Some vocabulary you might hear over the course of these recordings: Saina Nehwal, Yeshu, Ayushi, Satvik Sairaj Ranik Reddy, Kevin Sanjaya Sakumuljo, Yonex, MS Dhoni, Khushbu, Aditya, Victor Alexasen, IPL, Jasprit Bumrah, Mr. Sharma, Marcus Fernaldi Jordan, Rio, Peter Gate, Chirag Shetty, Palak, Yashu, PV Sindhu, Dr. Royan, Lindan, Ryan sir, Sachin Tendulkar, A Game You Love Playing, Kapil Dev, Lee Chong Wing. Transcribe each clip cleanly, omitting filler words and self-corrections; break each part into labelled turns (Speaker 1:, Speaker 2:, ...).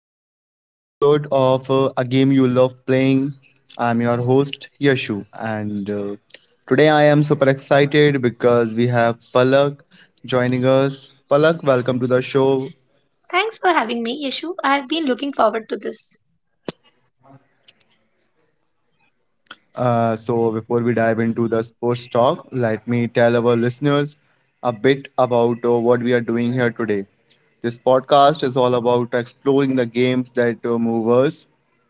Speaker 1: back to another episode of A Game You Love Playing. I'm your host Yashu, and today I am super excited because we have Palak joining us. Palak, welcome to the show.
Speaker 2: Thanks for having me, Yeshu. I've been looking forward to this.
Speaker 1: So, before we dive into the sports talk, let me tell our listeners a bit about what we are doing here today. This podcast is all about exploring the games that move us,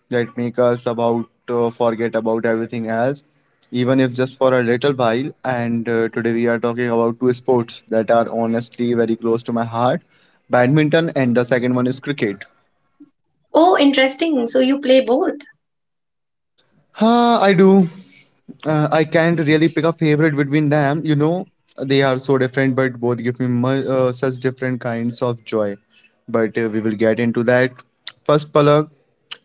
Speaker 1: that make us about forget about everything else, even if just for a little while. And today we are talking about two sports that are honestly very close to my heart, badminton, and the second one is cricket.
Speaker 2: Oh, interesting. So you play both.
Speaker 1: I do. I can't really pick a favorite between them. You know, they are so different, but both give me such different kinds of joy. But we will get into that. First, Palak,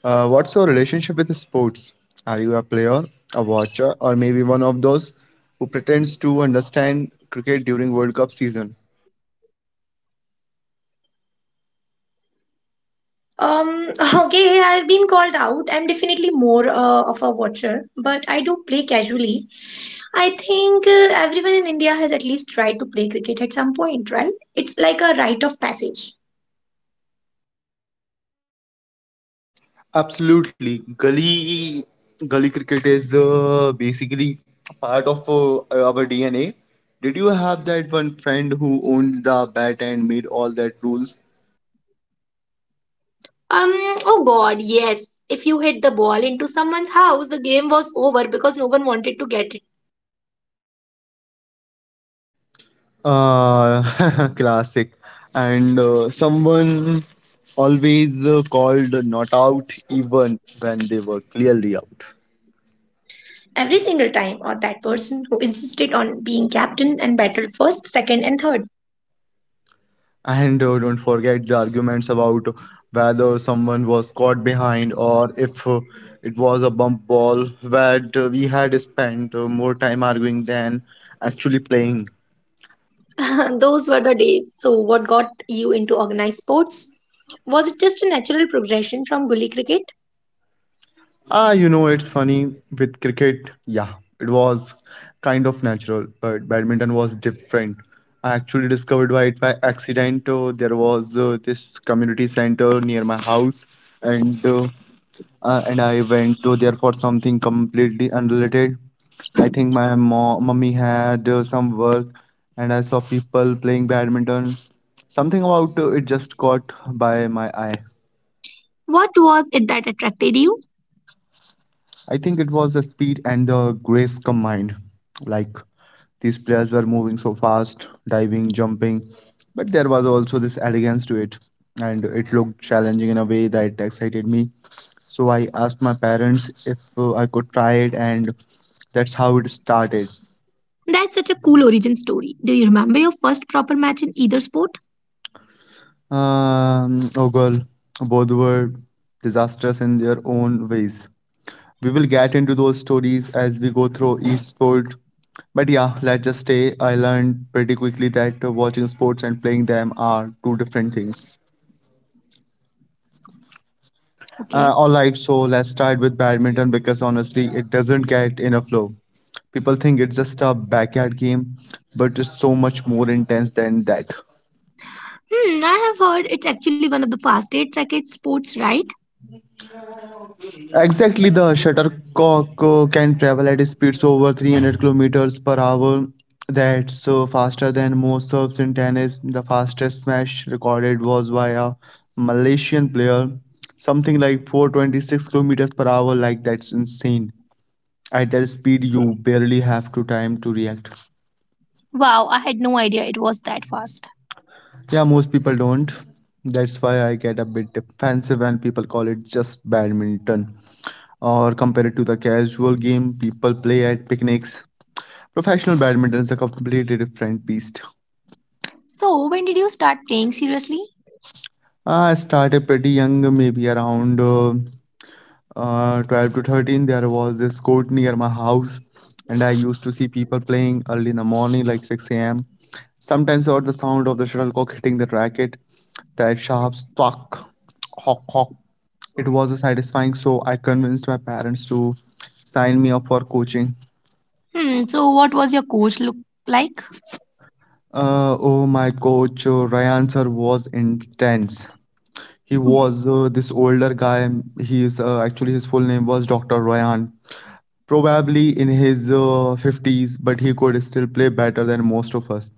Speaker 1: what's your relationship with sports? Are you a player, a watcher, or maybe one of those who pretends to understand cricket during World Cup season?
Speaker 2: Um, okay, I've been called out. I'm definitely more of a watcher, but I do play casually. I think everyone in India has at least tried to play cricket at some point, right? It's like a rite of passage.
Speaker 1: Absolutely, gully cricket is basically part of our DNA. Did you have that one friend who owned the bat and made all that rules?
Speaker 2: Um, oh God, yes. If you hit the ball into someone's house, the game was over because no one wanted to get it.
Speaker 1: Classic. And someone always called not out even when they were clearly out.
Speaker 2: Every single time, or that person who insisted on being captain and battled first, second, and third.
Speaker 1: And don't forget the arguments about whether someone was caught behind or if it was a bump ball, where we had spent more time arguing than actually playing.
Speaker 2: Those were the days. So, what got you into organized sports? Was it just a natural progression from gully cricket?
Speaker 1: It's funny with cricket, yeah, it was kind of natural, but badminton was different. I actually discovered why it by accident. There was this community center near my house, and uh, and I went to there for something completely unrelated. I think my mummy had some work, and I saw people playing badminton. Something about it just caught by my eye.
Speaker 2: What was it that attracted you?
Speaker 1: I think it was the speed and the grace combined. Like these players were moving so fast, diving, jumping, but there was also this elegance to it, and it looked challenging in a way that excited me. So I asked my parents if I could try it, and that's how it started.
Speaker 2: That's such a cool origin story. Do you remember your first proper match in either sport?
Speaker 1: Oh girl, both were disastrous in their own ways. We will get into those stories as we go through each sport. But yeah, let's just say I learned pretty quickly that watching sports and playing them are two different things.
Speaker 2: Okay.
Speaker 1: All right, so let's start with badminton because honestly, it doesn't get enough love. People think it's just a backyard game, but it's so much more intense than that.
Speaker 2: Hmm, I have heard it's actually one of the fastest racket sports, right?
Speaker 1: Exactly, the shuttlecock can travel at speeds over 300 kilometers per hour. That's faster than most serves in tennis. The fastest smash recorded was by a Malaysian player, something like 426 kilometers per hour. Like that's insane. At that speed, you barely have to time to react.
Speaker 2: Wow, I had no idea it was that fast.
Speaker 1: Yeah, most people don't. That's why I get a bit defensive when people call it just badminton or compared to the casual game people play at picnics. Professional badminton is a completely different beast.
Speaker 2: So, when did you start playing seriously?
Speaker 1: I started pretty young, maybe around 12 to 13. There was this court near my house, and I used to see people playing early in the morning, like 6 a.m. Sometimes I heard the sound of the shuttlecock hitting the racket, that sharp thwack, hock, hock. It was a satisfying, so I convinced my parents to sign me up for coaching.
Speaker 2: Hmm, so what was your coach look like?
Speaker 1: Oh, my coach, Ryan sir, was intense. He was this older guy. He is actually his full name was Dr. Royan. Probably in his 50s, but he could still play better than most of us.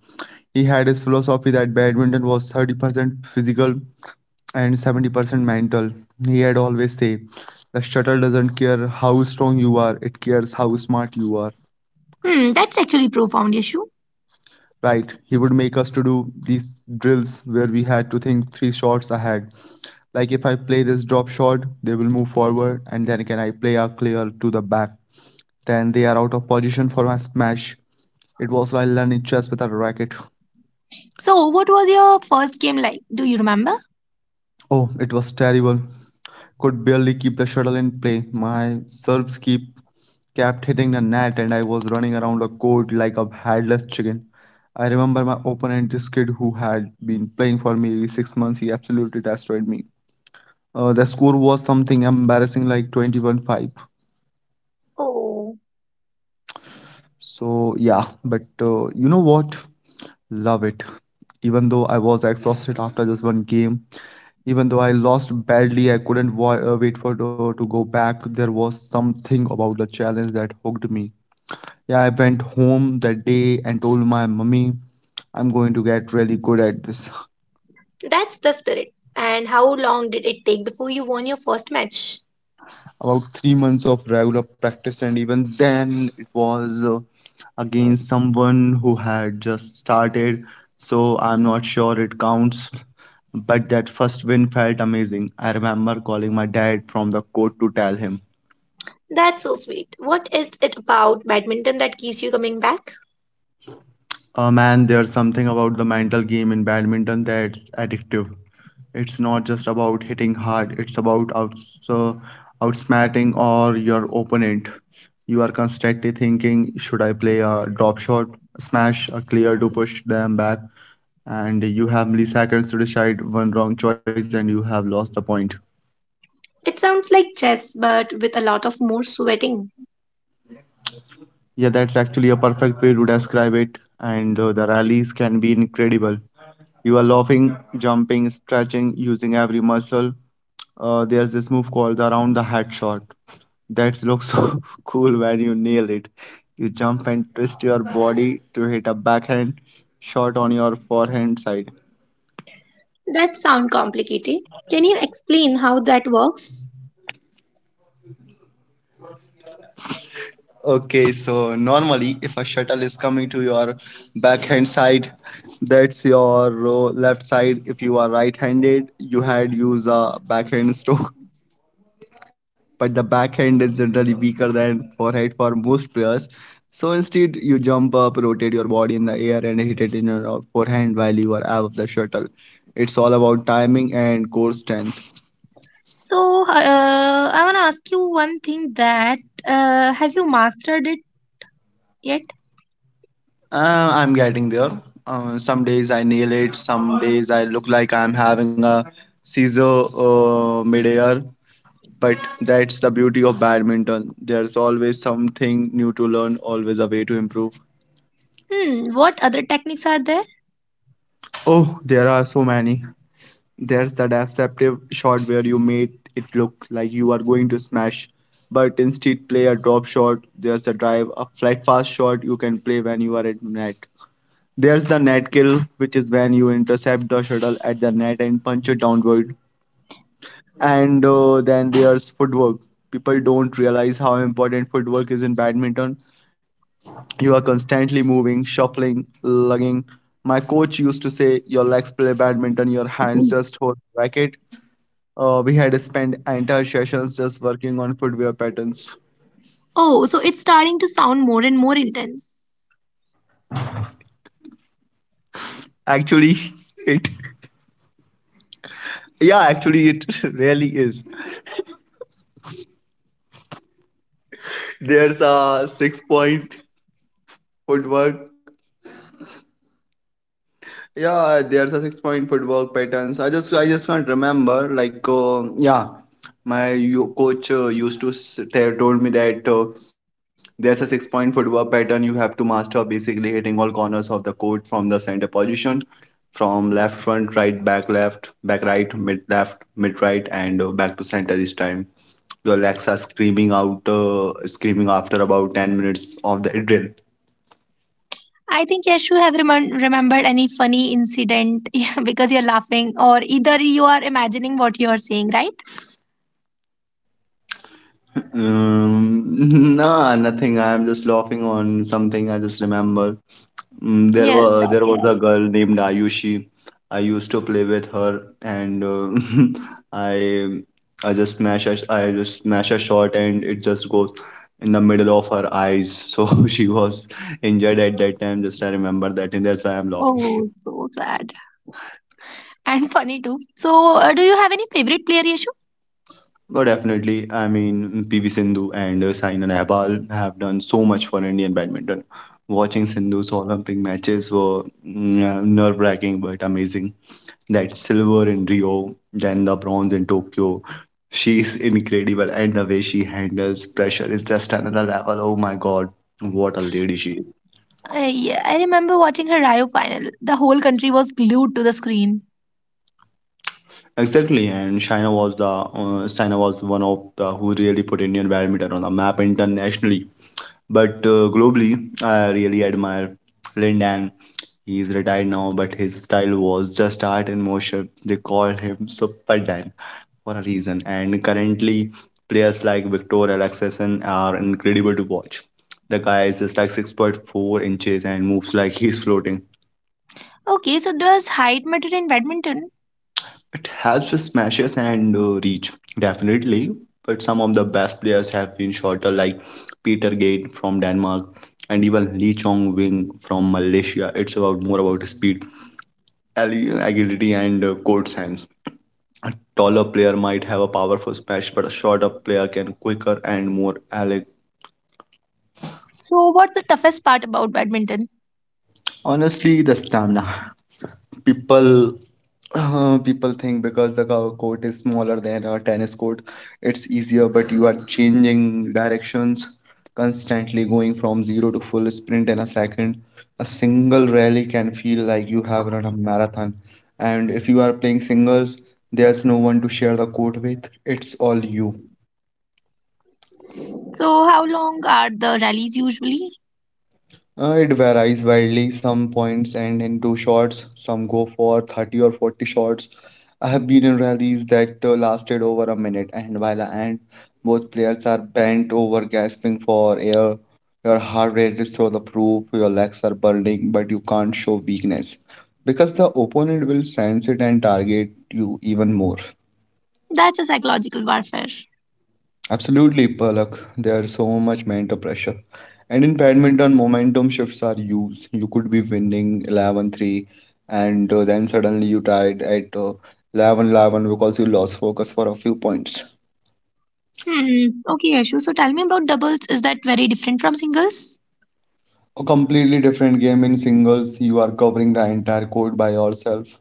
Speaker 1: He had his philosophy that badminton was 30% physical and 70% mental. He had always said, "The shuttle doesn't care how strong you are, it cares how smart you are."
Speaker 2: Hmm, that's actually profound issue.
Speaker 1: Right, he would make us to do these drills where we had to think three shots ahead, like if I play this drop shot, they will move forward, and then can I play a clear to the back? Then they are out of position for my smash. It was like learning chess with a racket.
Speaker 2: So, what was your first game like? Do you remember?
Speaker 1: Oh, it was terrible. Could barely keep the shuttle in play. My serves keep kept hitting the net, and I was running around the court like a headless chicken. I remember my opponent, this kid who had been playing for me 6 months, he absolutely destroyed me. The score was something embarrassing like 21-5.
Speaker 2: Oh,
Speaker 1: So, yeah, but you know what? Love it. Even though I was exhausted after just one game, even though I lost badly, I couldn't wait for to go back. There was something about the challenge that hooked me. Yeah, I went home that day and told my mummy, "I'm going to get really good at this."
Speaker 2: that's the spirit. And how long did it take before you won your first match?
Speaker 1: About 3 months of regular practice, and even then, it was against someone who had just started. So I'm not sure it counts. But that first win felt amazing. I remember calling my dad from the court to tell him.
Speaker 2: That's so sweet. What is it about badminton that keeps you coming back?
Speaker 1: Man, there's something about the mental game in badminton that's addictive. It's not just about hitting hard, it's about outsmarting or your opponent. You are constantly thinking, should I play a drop shot, a smash, a clear to push them back? And you have milliseconds to decide one wrong choice and you have lost the point.
Speaker 2: It sounds like chess, but with a lot of more sweating.
Speaker 1: Yeah, that's actually a perfect way to describe it. And the rallies can be incredible. You are laughing, jumping, stretching, using every muscle. There's this move called the around the head shot. That looks so cool when you nail it. You jump and twist your body to hit a backhand shot on your forehand side.
Speaker 2: That sound complicated. Can you explain how that works?
Speaker 1: Okay, so normally if a shuttle is coming to your backhand side, that's your left side. If you are right-handed, you had use a backhand stroke, but the backhand is generally weaker than forehand for most players. So instead, you jump up, rotate your body in the air, and hit it in your forehand while you are out of the shuttle. It's all about timing and core strength.
Speaker 2: So, I want to ask you one thing that have you mastered it yet?
Speaker 1: I'm getting there. Some days I nail it, some days I look like I'm having a seizure midair. But that's the beauty of badminton. There's always something new to learn, always a way to improve.
Speaker 2: Hmm, what other techniques are there?
Speaker 1: Oh, there are so many. There's the deceptive shot where you made it look like you are going to smash, but instead play a drop shot. There's the drive, a flat fast shot you can play when you are at net. There's the net kill, which is when you intercept the shuttle at the net and punch it downward. And then there's footwork. People don't realize how important footwork is in badminton. You are constantly moving, shuffling, lugging. My coach used to say, "Your legs play badminton, your hands just hold the racket." We had to spend entire sessions just working on footwear patterns.
Speaker 2: Oh, so it's starting to sound more and more intense.
Speaker 1: Actually, it yeah, actually it really is. There's a 6-point footwork, yeah, there's a 6-point footwork patterns. I just can't remember, like yeah, my coach used to s- tell told me that there's a 6-point footwork pattern you have to master, basically hitting all corners of the court from the center position, from left front, right back, left back, right mid, left mid, right, and back to center each time. Your legs are screaming after about 10 minutes of the drill.
Speaker 2: I think yes, you have remembered any funny incident? Yeah, because you're laughing, or either you are imagining what you're saying, right?
Speaker 1: Nah, nothing. I'm just laughing on something I just remember. Mm, there
Speaker 2: Yes,
Speaker 1: were there
Speaker 2: that's
Speaker 1: was
Speaker 2: what.
Speaker 1: a girl named Ayushi. I used to play with her, and I I just smash a shot, and it just goes in the middle of her eyes. So she was injured at that time. Just I remember that, and that's why I'm laughing.
Speaker 2: Oh, so sad and funny too. So, do you have any favorite player, Yashu?
Speaker 1: Oh, definitely. I mean, PV Sindhu and Saina Nehwal have done so much for Indian badminton. Watching Sindhu's Olympic matches were nerve-wracking but amazing. That silver in Rio, then the bronze in Tokyo. She's incredible, and the way she handles pressure is just another level. Oh my God, what a lady she is.
Speaker 2: Yeah, I remember watching her Rio final. The whole country was glued to the screen.
Speaker 1: Exactly, and China was one of the who really put Indian badminton on the map internationally. But globally, I really admire Lindan. He is retired now, but his style was just art in motion. They call him Super Dan for a reason. And currently, players like Victor Alexasen are incredible to watch. The guy is just like 6.4 inches and moves like he's floating.
Speaker 2: Okay, so does height matter in badminton?
Speaker 1: It helps with smashes and reach, definitely. But some of the best players have been shorter, like Peter Gate from Denmark and even Lee Chong Wing from Malaysia. It's about more about speed, agility, and court sense. A taller player might have a powerful smash, but a shorter player can quicker and more elegant.
Speaker 2: So, what's the toughest part about badminton?
Speaker 1: Honestly, the stamina. people People think because the court is smaller than a tennis court, it's easier, but you are changing directions, constantly going from zero to full sprint in a second. A single rally can feel like you have run a marathon, and if you are playing singles, there's no one to share the court with. It's all you.
Speaker 2: So, how long are the rallies usually?
Speaker 1: It varies widely. Some points end in two shots, some go for 30 or 40 shots. I have been in rallies that lasted over a minute, and by the end, both players are bent over, gasping for air. Your heart rate is through the roof, your legs are burning, but you can't show weakness because the opponent will sense it and target you even more.
Speaker 2: That's a psychological warfare.
Speaker 1: Absolutely, Palak. There's so much mental pressure. And in badminton, momentum shifts are used. You could be winning 11-3, and then suddenly you tied at 11 eleven because you lost focus for a few points.
Speaker 2: Hmm. Okay, Yashu. So tell me about doubles. Is that very different from singles?
Speaker 1: A completely different game. In singles, you are covering the entire court by yourself,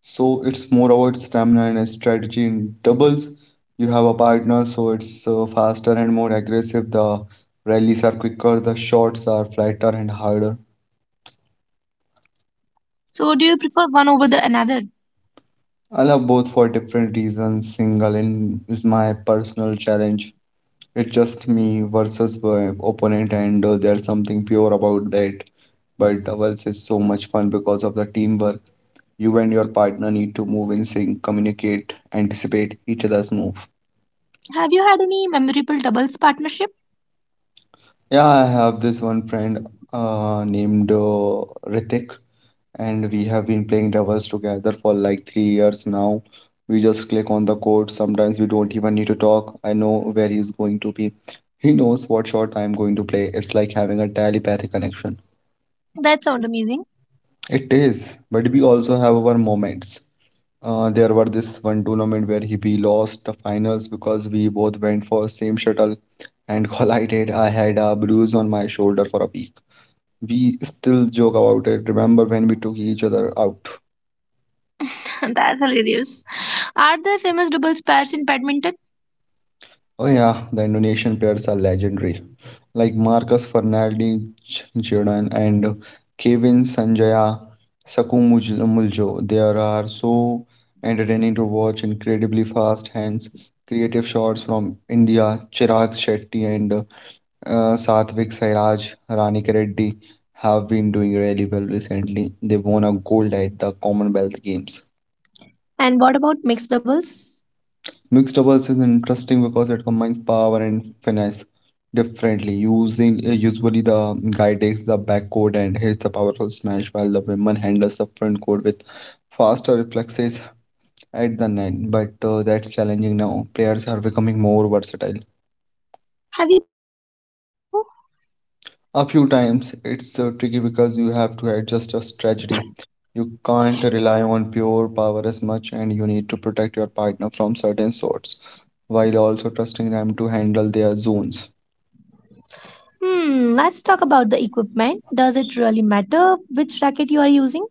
Speaker 1: so it's more about stamina and strategy. In doubles, you have a partner, so it's faster and more aggressive. The rallies are quicker, the shots are flatter and harder.
Speaker 2: So do you prefer one over the another?
Speaker 1: I love both for different reasons. Single in is my personal challenge. It's just me versus my opponent, and there's something pure about that. But doubles is so much fun because of the teamwork. You and your partner need to move in sync, communicate, anticipate each other's move.
Speaker 2: Have you had any memorable doubles partnership?
Speaker 1: Yeah, I have this one friend named Ritik, and we have been playing doubles together for like 3 years now. We just click on the court. Sometimes we don't even need to talk. I know where he's going to be. He knows what shot I'm going to play. It's like having a telepathic connection.
Speaker 2: That sounds amazing.
Speaker 1: It is, but we also have our moments. There were this one tournament where he we lost the finals because we both went for same shuttle and collided. I had a bruise on my shoulder for a week. We still joke about it. Remember when we took each other out?
Speaker 2: That's hilarious. Are there famous doubles pairs in badminton?
Speaker 1: Oh yeah, the Indonesian pairs are legendary. Like Marcus Fernaldi Jordan and Kevin Sanjaya Sakumuljo. They are so entertaining to watch, incredibly fast hands, creative shots. From India, Chirag Shetty and Satvik Sairaj Ranik Reddy have been doing really well recently. They won a gold at the Commonwealth Games.
Speaker 2: And what about mixed doubles?
Speaker 1: Mixed doubles is interesting because it combines power and finesse differently. Using Usually the guy takes the back court and hits the powerful smash, while the woman handles the front court with faster reflexes at the net. But that's challenging now. Players are becoming more versatile.
Speaker 2: Have you played mixed doubles, Yashu?
Speaker 1: A few times. It's tricky because you have to adjust your strategy. You can't rely on pure power as much, and you need to protect your partner from certain sorts while also trusting them to handle their zones.
Speaker 2: Hmm. Let's talk about the equipment. Does it really matter which racket you are using?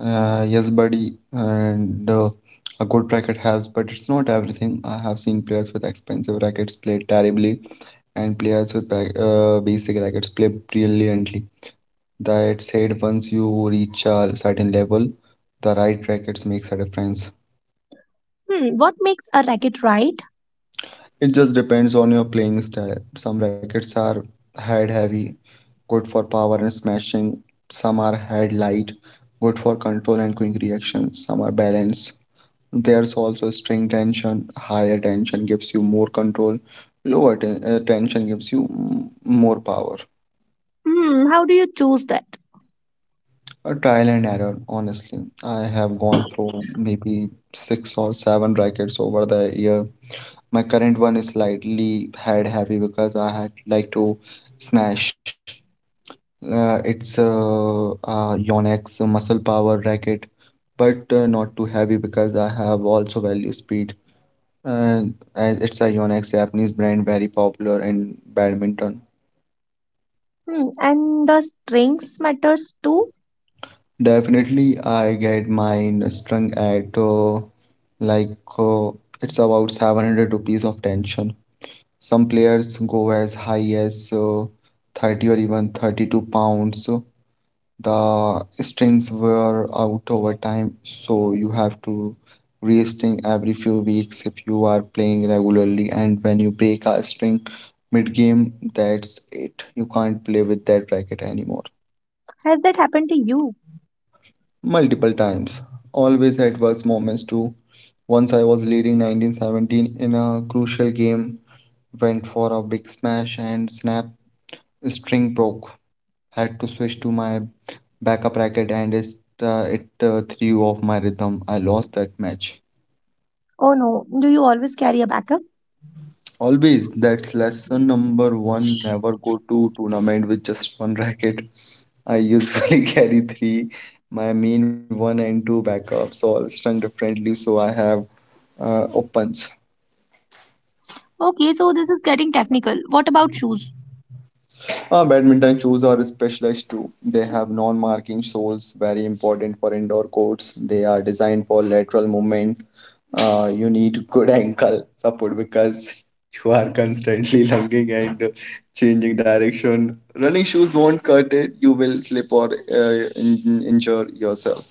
Speaker 1: Yes, buddy, and a good racket helps, but it's not everything. I have seen players with expensive rackets play terribly, and players with basic rackets play brilliantly. That said, once you reach a certain level, the right rackets makes a difference.
Speaker 2: Hmm. What makes a racket right?
Speaker 1: It just depends on your playing style. Some rackets are head heavy, good for power and smashing. Some are head light, good for control and quick reaction. Some are balanced. There's also string tension. Higher tension gives you more control, lower tension gives you more power.
Speaker 2: Hmm. How do you choose that?
Speaker 1: A trial and error, honestly. I have gone through maybe six or seven rackets over the year. My current one is slightly head heavy because I had like to smash. It's a Yonex muscle power racket, but not too heavy because I have also value speed. Uh, as it's a Yonex Japanese brand, very popular in badminton.
Speaker 2: Hmm. And the strings matters too.
Speaker 1: Definitely, I get mine strung at like uh, it's about 700 rupees of tension. Some players go as high as 30 or even 32 pounds. So the strings wear out over time, so you have to restring every few weeks if you are playing regularly. And when you break a string mid-game, that's it. You can't play with that racket anymore.
Speaker 2: Has that happened to you?
Speaker 1: Multiple times, always adverse moments too. Once I was leading 1917 in a crucial game, went for a big smash and snap, string broke. Had to switch to my backup racket and it threw off my rhythm. I lost that match.
Speaker 2: Oh no, do you always carry a backup?
Speaker 1: Always. That's lesson number one. Never go to tournament with just one racket. I usually carry three, my main one and two backups, all strung differently, so I have opens.
Speaker 2: Okay, so this is getting technical. What about shoes?
Speaker 1: Badminton shoes are specialized too. They have non-marking soles, very important for indoor courts. They are designed for lateral movement. You need good ankle support because you are constantly lunging and changing direction. Running shoes won't cut it. You will slip or injure yourself.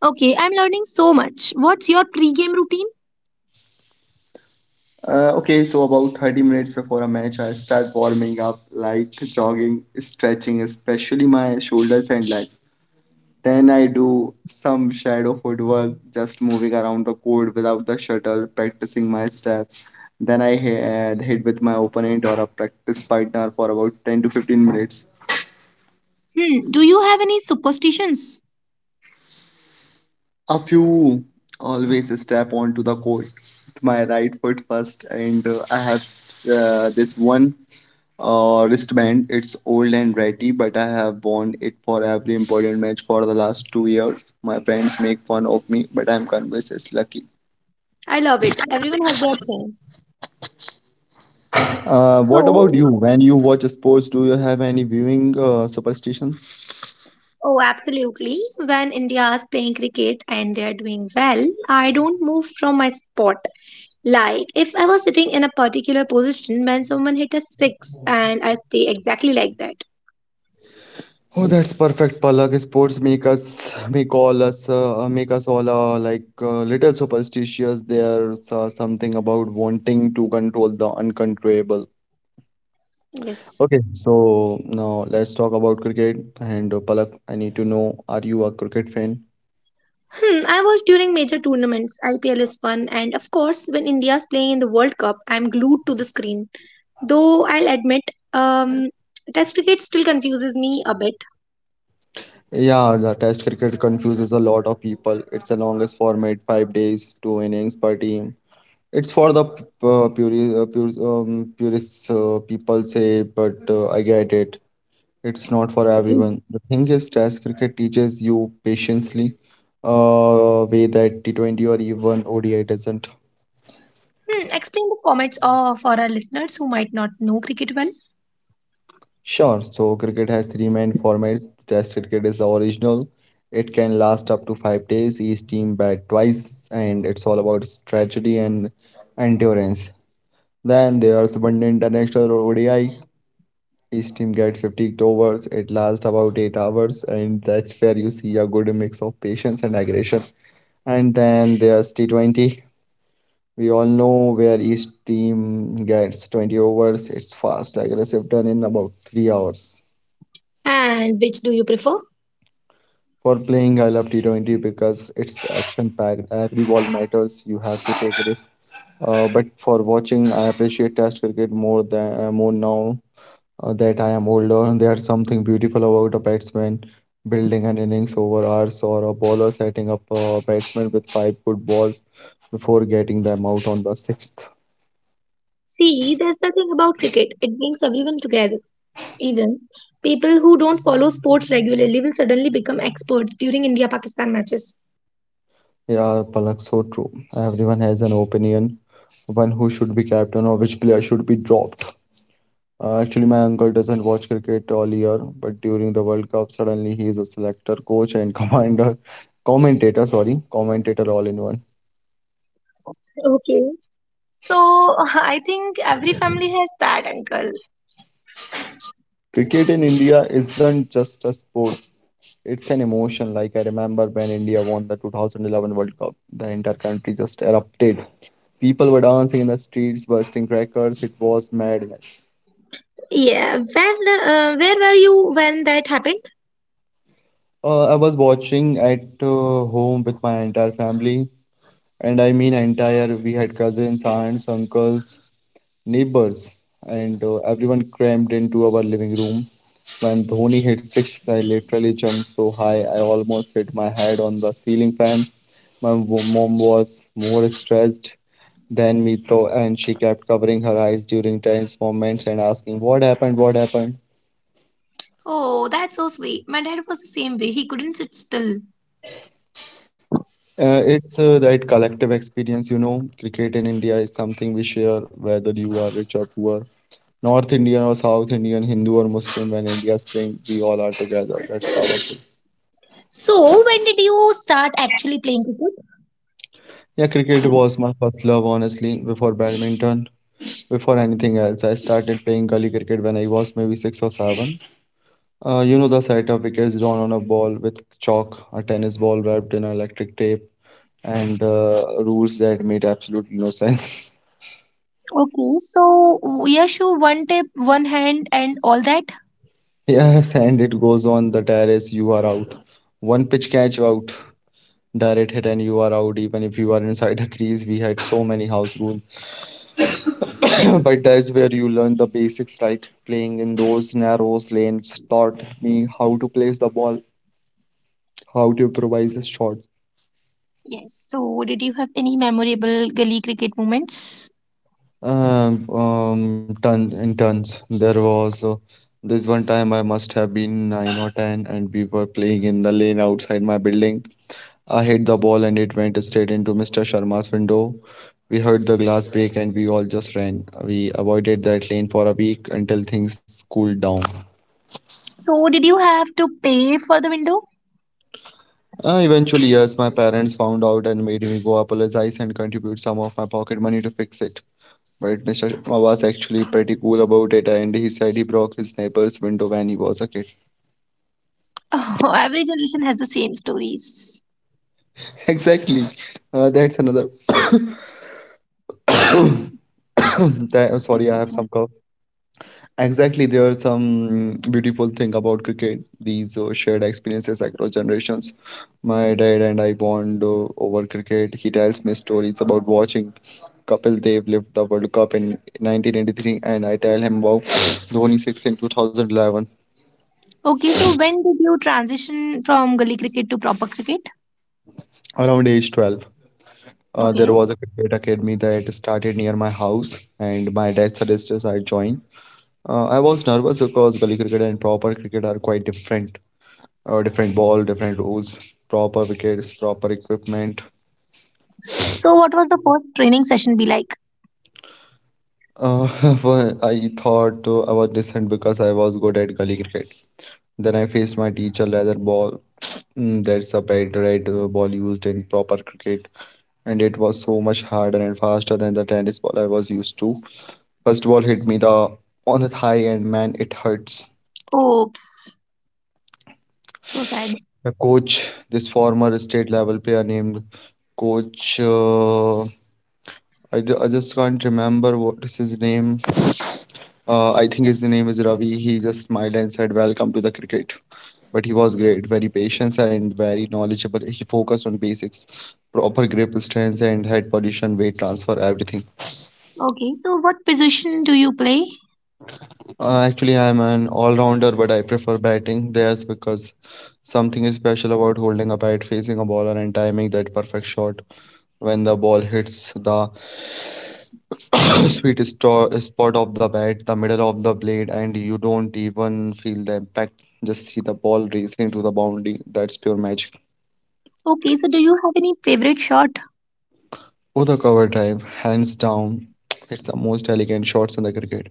Speaker 2: Okay, I'm learning so much. What's your pre-game routine?
Speaker 1: Okay, so about 30 minutes before a match, I start warming up, light jogging, stretching, especially my shoulders and legs. Then I do some shadow footwork, just moving around the court without the shuttle, practicing my steps. Then I hit with my opponent or a practice partner for about 10 to 15 minutes.
Speaker 2: Hmm, do you have any superstitions?
Speaker 1: A few. Always step onto the court with my right foot first, and I have this one wristband. It's old and ratty, but I have worn it for every important match for the last 2 years. My friends make fun of me, but I'm convinced it's lucky.
Speaker 2: I love it. Everyone has their thing.
Speaker 1: What about
Speaker 2: So,
Speaker 1: you? When you watch sports, do you have any viewing superstition?
Speaker 2: oh, absolutely. When India is playing cricket and they're doing well, I don't move from my spot. Like, if I was sitting in a particular position when someone hit a six, and I stay exactly like that.
Speaker 1: Oh, that's perfect, Palak. Sports make all us make us all like little superstitious. There's something about wanting to control the uncontrollable.
Speaker 2: Yes.
Speaker 1: Okay, so now let's talk about cricket. And Palak, I need to know, are you a cricket fan?
Speaker 2: Hmm, I watch during major tournaments. IPL is fun, and of course, when India's playing in the World Cup, I'm glued to the screen. Though I'll admit, um, Test cricket still confuses me a bit.
Speaker 1: Yeah, the test cricket confuses a lot of people. It's the longest format, 5 days, two innings per team. It's for the pure, purists, people say, but I get it. It's not for everyone. The thing is, Test cricket teaches you patiently, way that T20 or even ODI doesn't.
Speaker 2: Hmm, explain the formats for our listeners who might not know cricket well.
Speaker 1: Sure, so cricket has three main formats. Test cricket is the original. It can last up to 5 days. Each team bat twice, and it's all about strategy and endurance. Then there's one international or ODI. Each team gets 50 overs. It lasts about 8 hours, and that's where you see a good mix of patience and aggression. And then there's T20. We all know where each team gets 20 overs. It's fast, aggressive, done in about 3 hours.
Speaker 2: And which do you prefer?
Speaker 1: For playing, I love T20 because it's action-packed. Every ball matters. You have to take risks. But for watching, I appreciate Test cricket more now that I am older. There's something beautiful about a batsman building an innings over hours or a bowler setting up a batsman with five good balls before getting them out on the sixth.
Speaker 2: See, there's the thing about cricket, it brings everyone together. Even people who don't follow sports regularly will suddenly become experts during India Pakistan matches.
Speaker 1: Yeah, Palak, so true. Everyone has an opinion, one who should be captain or which player should be dropped. Actually, my uncle doesn't watch cricket all year, but during the World Cup, suddenly he is a selector, coach, and commentator, sorry, commentator all in one.
Speaker 2: Okay. So I think every family has that uncle.
Speaker 1: Cricket in India isn't just a sport, it's an emotion. Like I remember when India won the 2011 World Cup, the entire country just erupted. People were dancing in the streets, bursting crackers. It was madness.
Speaker 2: Yeah, where where were you when that happened?
Speaker 1: I was watching at home with my entire family, and I mean entire. We had cousins, aunts, uncles, neighbors, and everyone crammed into our living room. When Dhoni hit six, I literally jumped so high I almost hit my head on the ceiling fan. Mom was more stressed than me, though, and she kept covering her eyes during tense moments and asking, "What happened? What happened?"
Speaker 2: Oh, that's so sweet. My dad was the same way. He couldn't sit still.
Speaker 1: It's that collective experience, you know. Cricket in India is something we share, whether you are rich or poor, North Indian or South Indian, Hindu or Muslim. When India's playing, we all are together. That's powerful.
Speaker 2: So when did you start actually playing cricket?
Speaker 1: Yeah, cricket was my first love, honestly, before badminton, before anything else. I started playing gully cricket when I was maybe six or seven. You know the set of wickets drawn on a ball with chalk, a tennis ball wrapped in electric tape, and rules that made absolutely no sense.
Speaker 2: Okay, so Yashu, one tip, one hand, and all that.
Speaker 1: Yes, and it goes on the terrace, you are out. One pitch catch out, direct hit and you are out even if you are inside a crease. We had so many house rules, but that's where you learn the basics, right? Playing in those narrow lanes taught me how to place the ball, how to improvise a shot.
Speaker 2: Yes. So, did you have any memorable gully cricket moments?
Speaker 1: Ton in tons. There was this one time, I must have been 9 or 10 and we were playing in the lane outside my building. I hit the ball and it went straight into Mr. Sharma's window. We heard the glass break and we all just ran. We avoided that lane for a week until things cooled down.
Speaker 2: So did you have to pay for the window?
Speaker 1: Eventually, yes, my parents found out and made me go apologize and contribute some of my pocket money to fix it. But Mr. Sharma was actually pretty cool about it, and he said he broke his neighbor's window when he was a kid.
Speaker 2: Oh, every generation has the same stories.
Speaker 1: Exactly. That's another. that, Sorry,
Speaker 2: That's
Speaker 1: I have
Speaker 2: okay.
Speaker 1: some cough. Exactly, there are some beautiful thing about cricket. These shared experiences across generations. My dad and I bond over cricket. He tells me stories about watching Kapil Dev lift the World Cup in 1983, and I tell him about Dhoni 6 in 2011.
Speaker 2: Okay, so when did you transition from gully cricket to proper cricket?
Speaker 1: Around age 12, there was a
Speaker 2: Okay.
Speaker 1: cricket academy that started near my house, and my dad suggested I join. I was nervous because gully cricket and proper cricket are quite different. Different ball, different rules, proper wickets, proper equipment.
Speaker 2: So what was the first training session be like?
Speaker 1: Uh, well, I thought I was decent because I was good at gully cricket. Then I faced my teacher leather ball. Mm, that's a bad red ball used in proper cricket, and it was so much harder and faster than the tennis ball I was used to. First ball hit me the on the thigh, and man, it hurts.
Speaker 2: Oops. So sad.
Speaker 1: The coach, this former state level player named Coach I just can't remember what is his name. I think his name is Ravi. He just smiled and said, Welcome to the cricket. But he was great, very patient and very knowledgeable. He focused on basics, proper grip stance and head position, weight transfer, everything.
Speaker 2: Okay, so what position do you play?
Speaker 1: Actually, I'm an all-rounder, but I prefer batting. There's because something is special about holding a bat, facing a bowler, and timing that perfect shot when the ball hits the spot of the bat, the middle of the blade, and you don't even feel the impact. Just see the ball racing to the boundary. That's pure magic.
Speaker 2: Okay, so do you have any favorite shot?
Speaker 1: Oh, the cover drive, hands down, it's the most elegant shots in the cricket.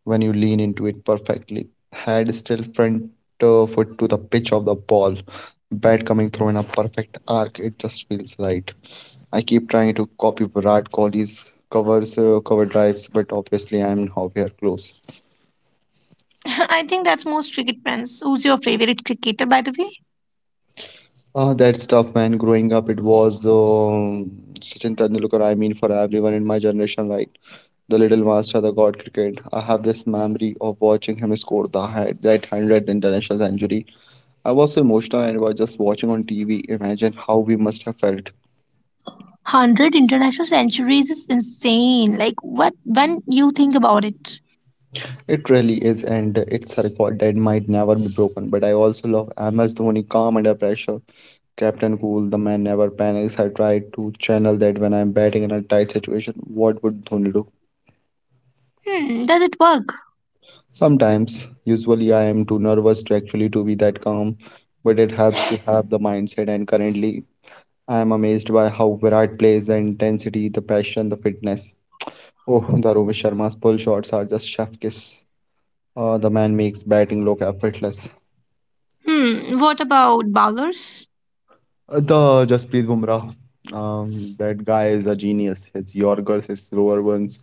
Speaker 1: When you lean into it perfectly, head still, front foot to the pitch of the ball, bat coming through in a perfect arc. It just feels right. I keep trying to copy Virat Kohli's cover drives, but obviously I'm nowhere close.
Speaker 2: I think that's most cricket fans. Who's your favorite cricketer, by the way?
Speaker 1: That's tough, man. Growing up, it was Sachin Tendulkar. I mean, for everyone in my generation, right? The little master, the god cricket. I have this memory of watching him score that 100th international century. I was so emotional and was just watching on TV. Imagine how we must have felt.
Speaker 2: 100 international centuries is insane. Like what when you think about it?
Speaker 1: It really is, and it's a record that might never be broken. But I also love MS Dhoni, calm under pressure, captain cool. The man never panics. I try to channel that when I'm batting in a tight situation. What would Dhoni do?
Speaker 2: Hmm, does it work?
Speaker 1: Sometimes, usually I am too nervous to actually to be that calm, but it helps to have the mindset. And currently I am amazed by how Virat plays, the intensity, the passion, the fitness. Oh, the Rohit Sharma's pull shots are just chef kiss. The man makes batting look effortless.
Speaker 2: Hmm. What about bowlers?
Speaker 1: The Jasprit Bumrah, that guy is a genius. His Yorkers, his slower ones,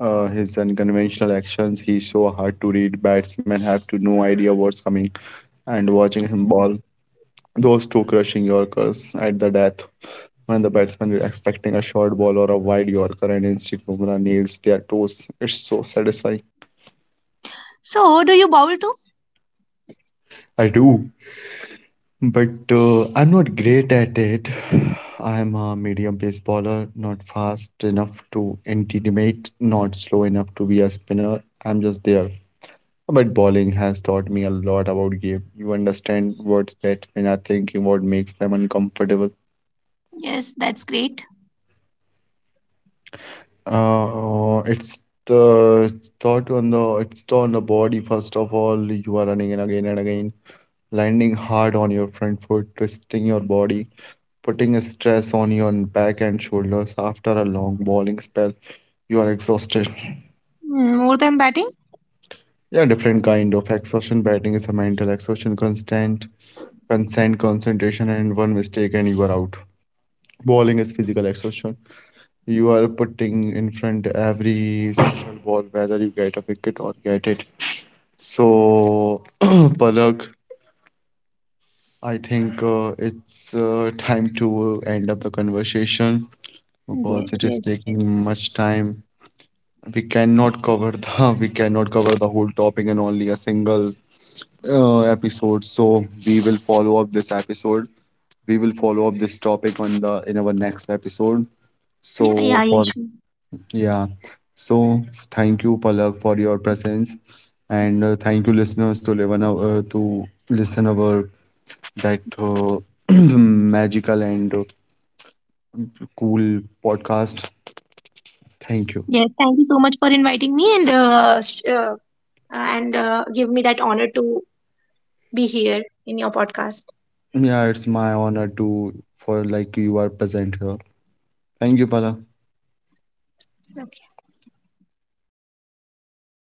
Speaker 1: his unconventional actions. He's so hard to read. Batsmen have to no idea what's coming, and watching him bowl those two crushing Yorkers at the death when the batsman is expecting a short ball or a wide Yorker and instead Bumrah nails their toes. It's so satisfying.
Speaker 2: So, do you bowl too?
Speaker 1: I do, but I'm not great at it. I'm a medium pace bowler, not fast enough to intimidate, not slow enough to be a spinner. I'm just there. But bowling has taught me a lot about game. You understand what batsmen are thinking, what makes them uncomfortable.
Speaker 2: Yes, that's great.
Speaker 1: It's the thought on the it's on the body first of all. You are running, and again, landing hard on your front foot, twisting your body, putting a stress on your back and shoulders. After a long bowling spell, you are exhausted.
Speaker 2: Hmm, more than batting?
Speaker 1: Yeah, different kind of exhaustion. Batting is a mental exhaustion, constant concentration, and one mistake and you are out. Bowling is physical exhaustion. You are putting in front every single ball, whether you get a wicket or get it. So, Palak, I think it's time to end up the conversation because
Speaker 2: Yes,
Speaker 1: it is
Speaker 2: yes.
Speaker 1: taking much time. We cannot cover the we cannot cover the whole topic in only a single episode. So we will follow up this episode. We will follow up this topic on the in our next episode.
Speaker 2: Yeah,
Speaker 1: So
Speaker 2: yeah, yeah,
Speaker 1: for
Speaker 2: sure.
Speaker 1: Yeah. So thank you, Palak, for your presence, and thank you, listeners, to listen our that magical and cool podcast. Thank you.
Speaker 2: Yes, thank you so much for inviting me and give me that honor to be here in your podcast.
Speaker 1: Yeah, it's my honor to for like you are present here. Thank you, Palak.
Speaker 2: Okay.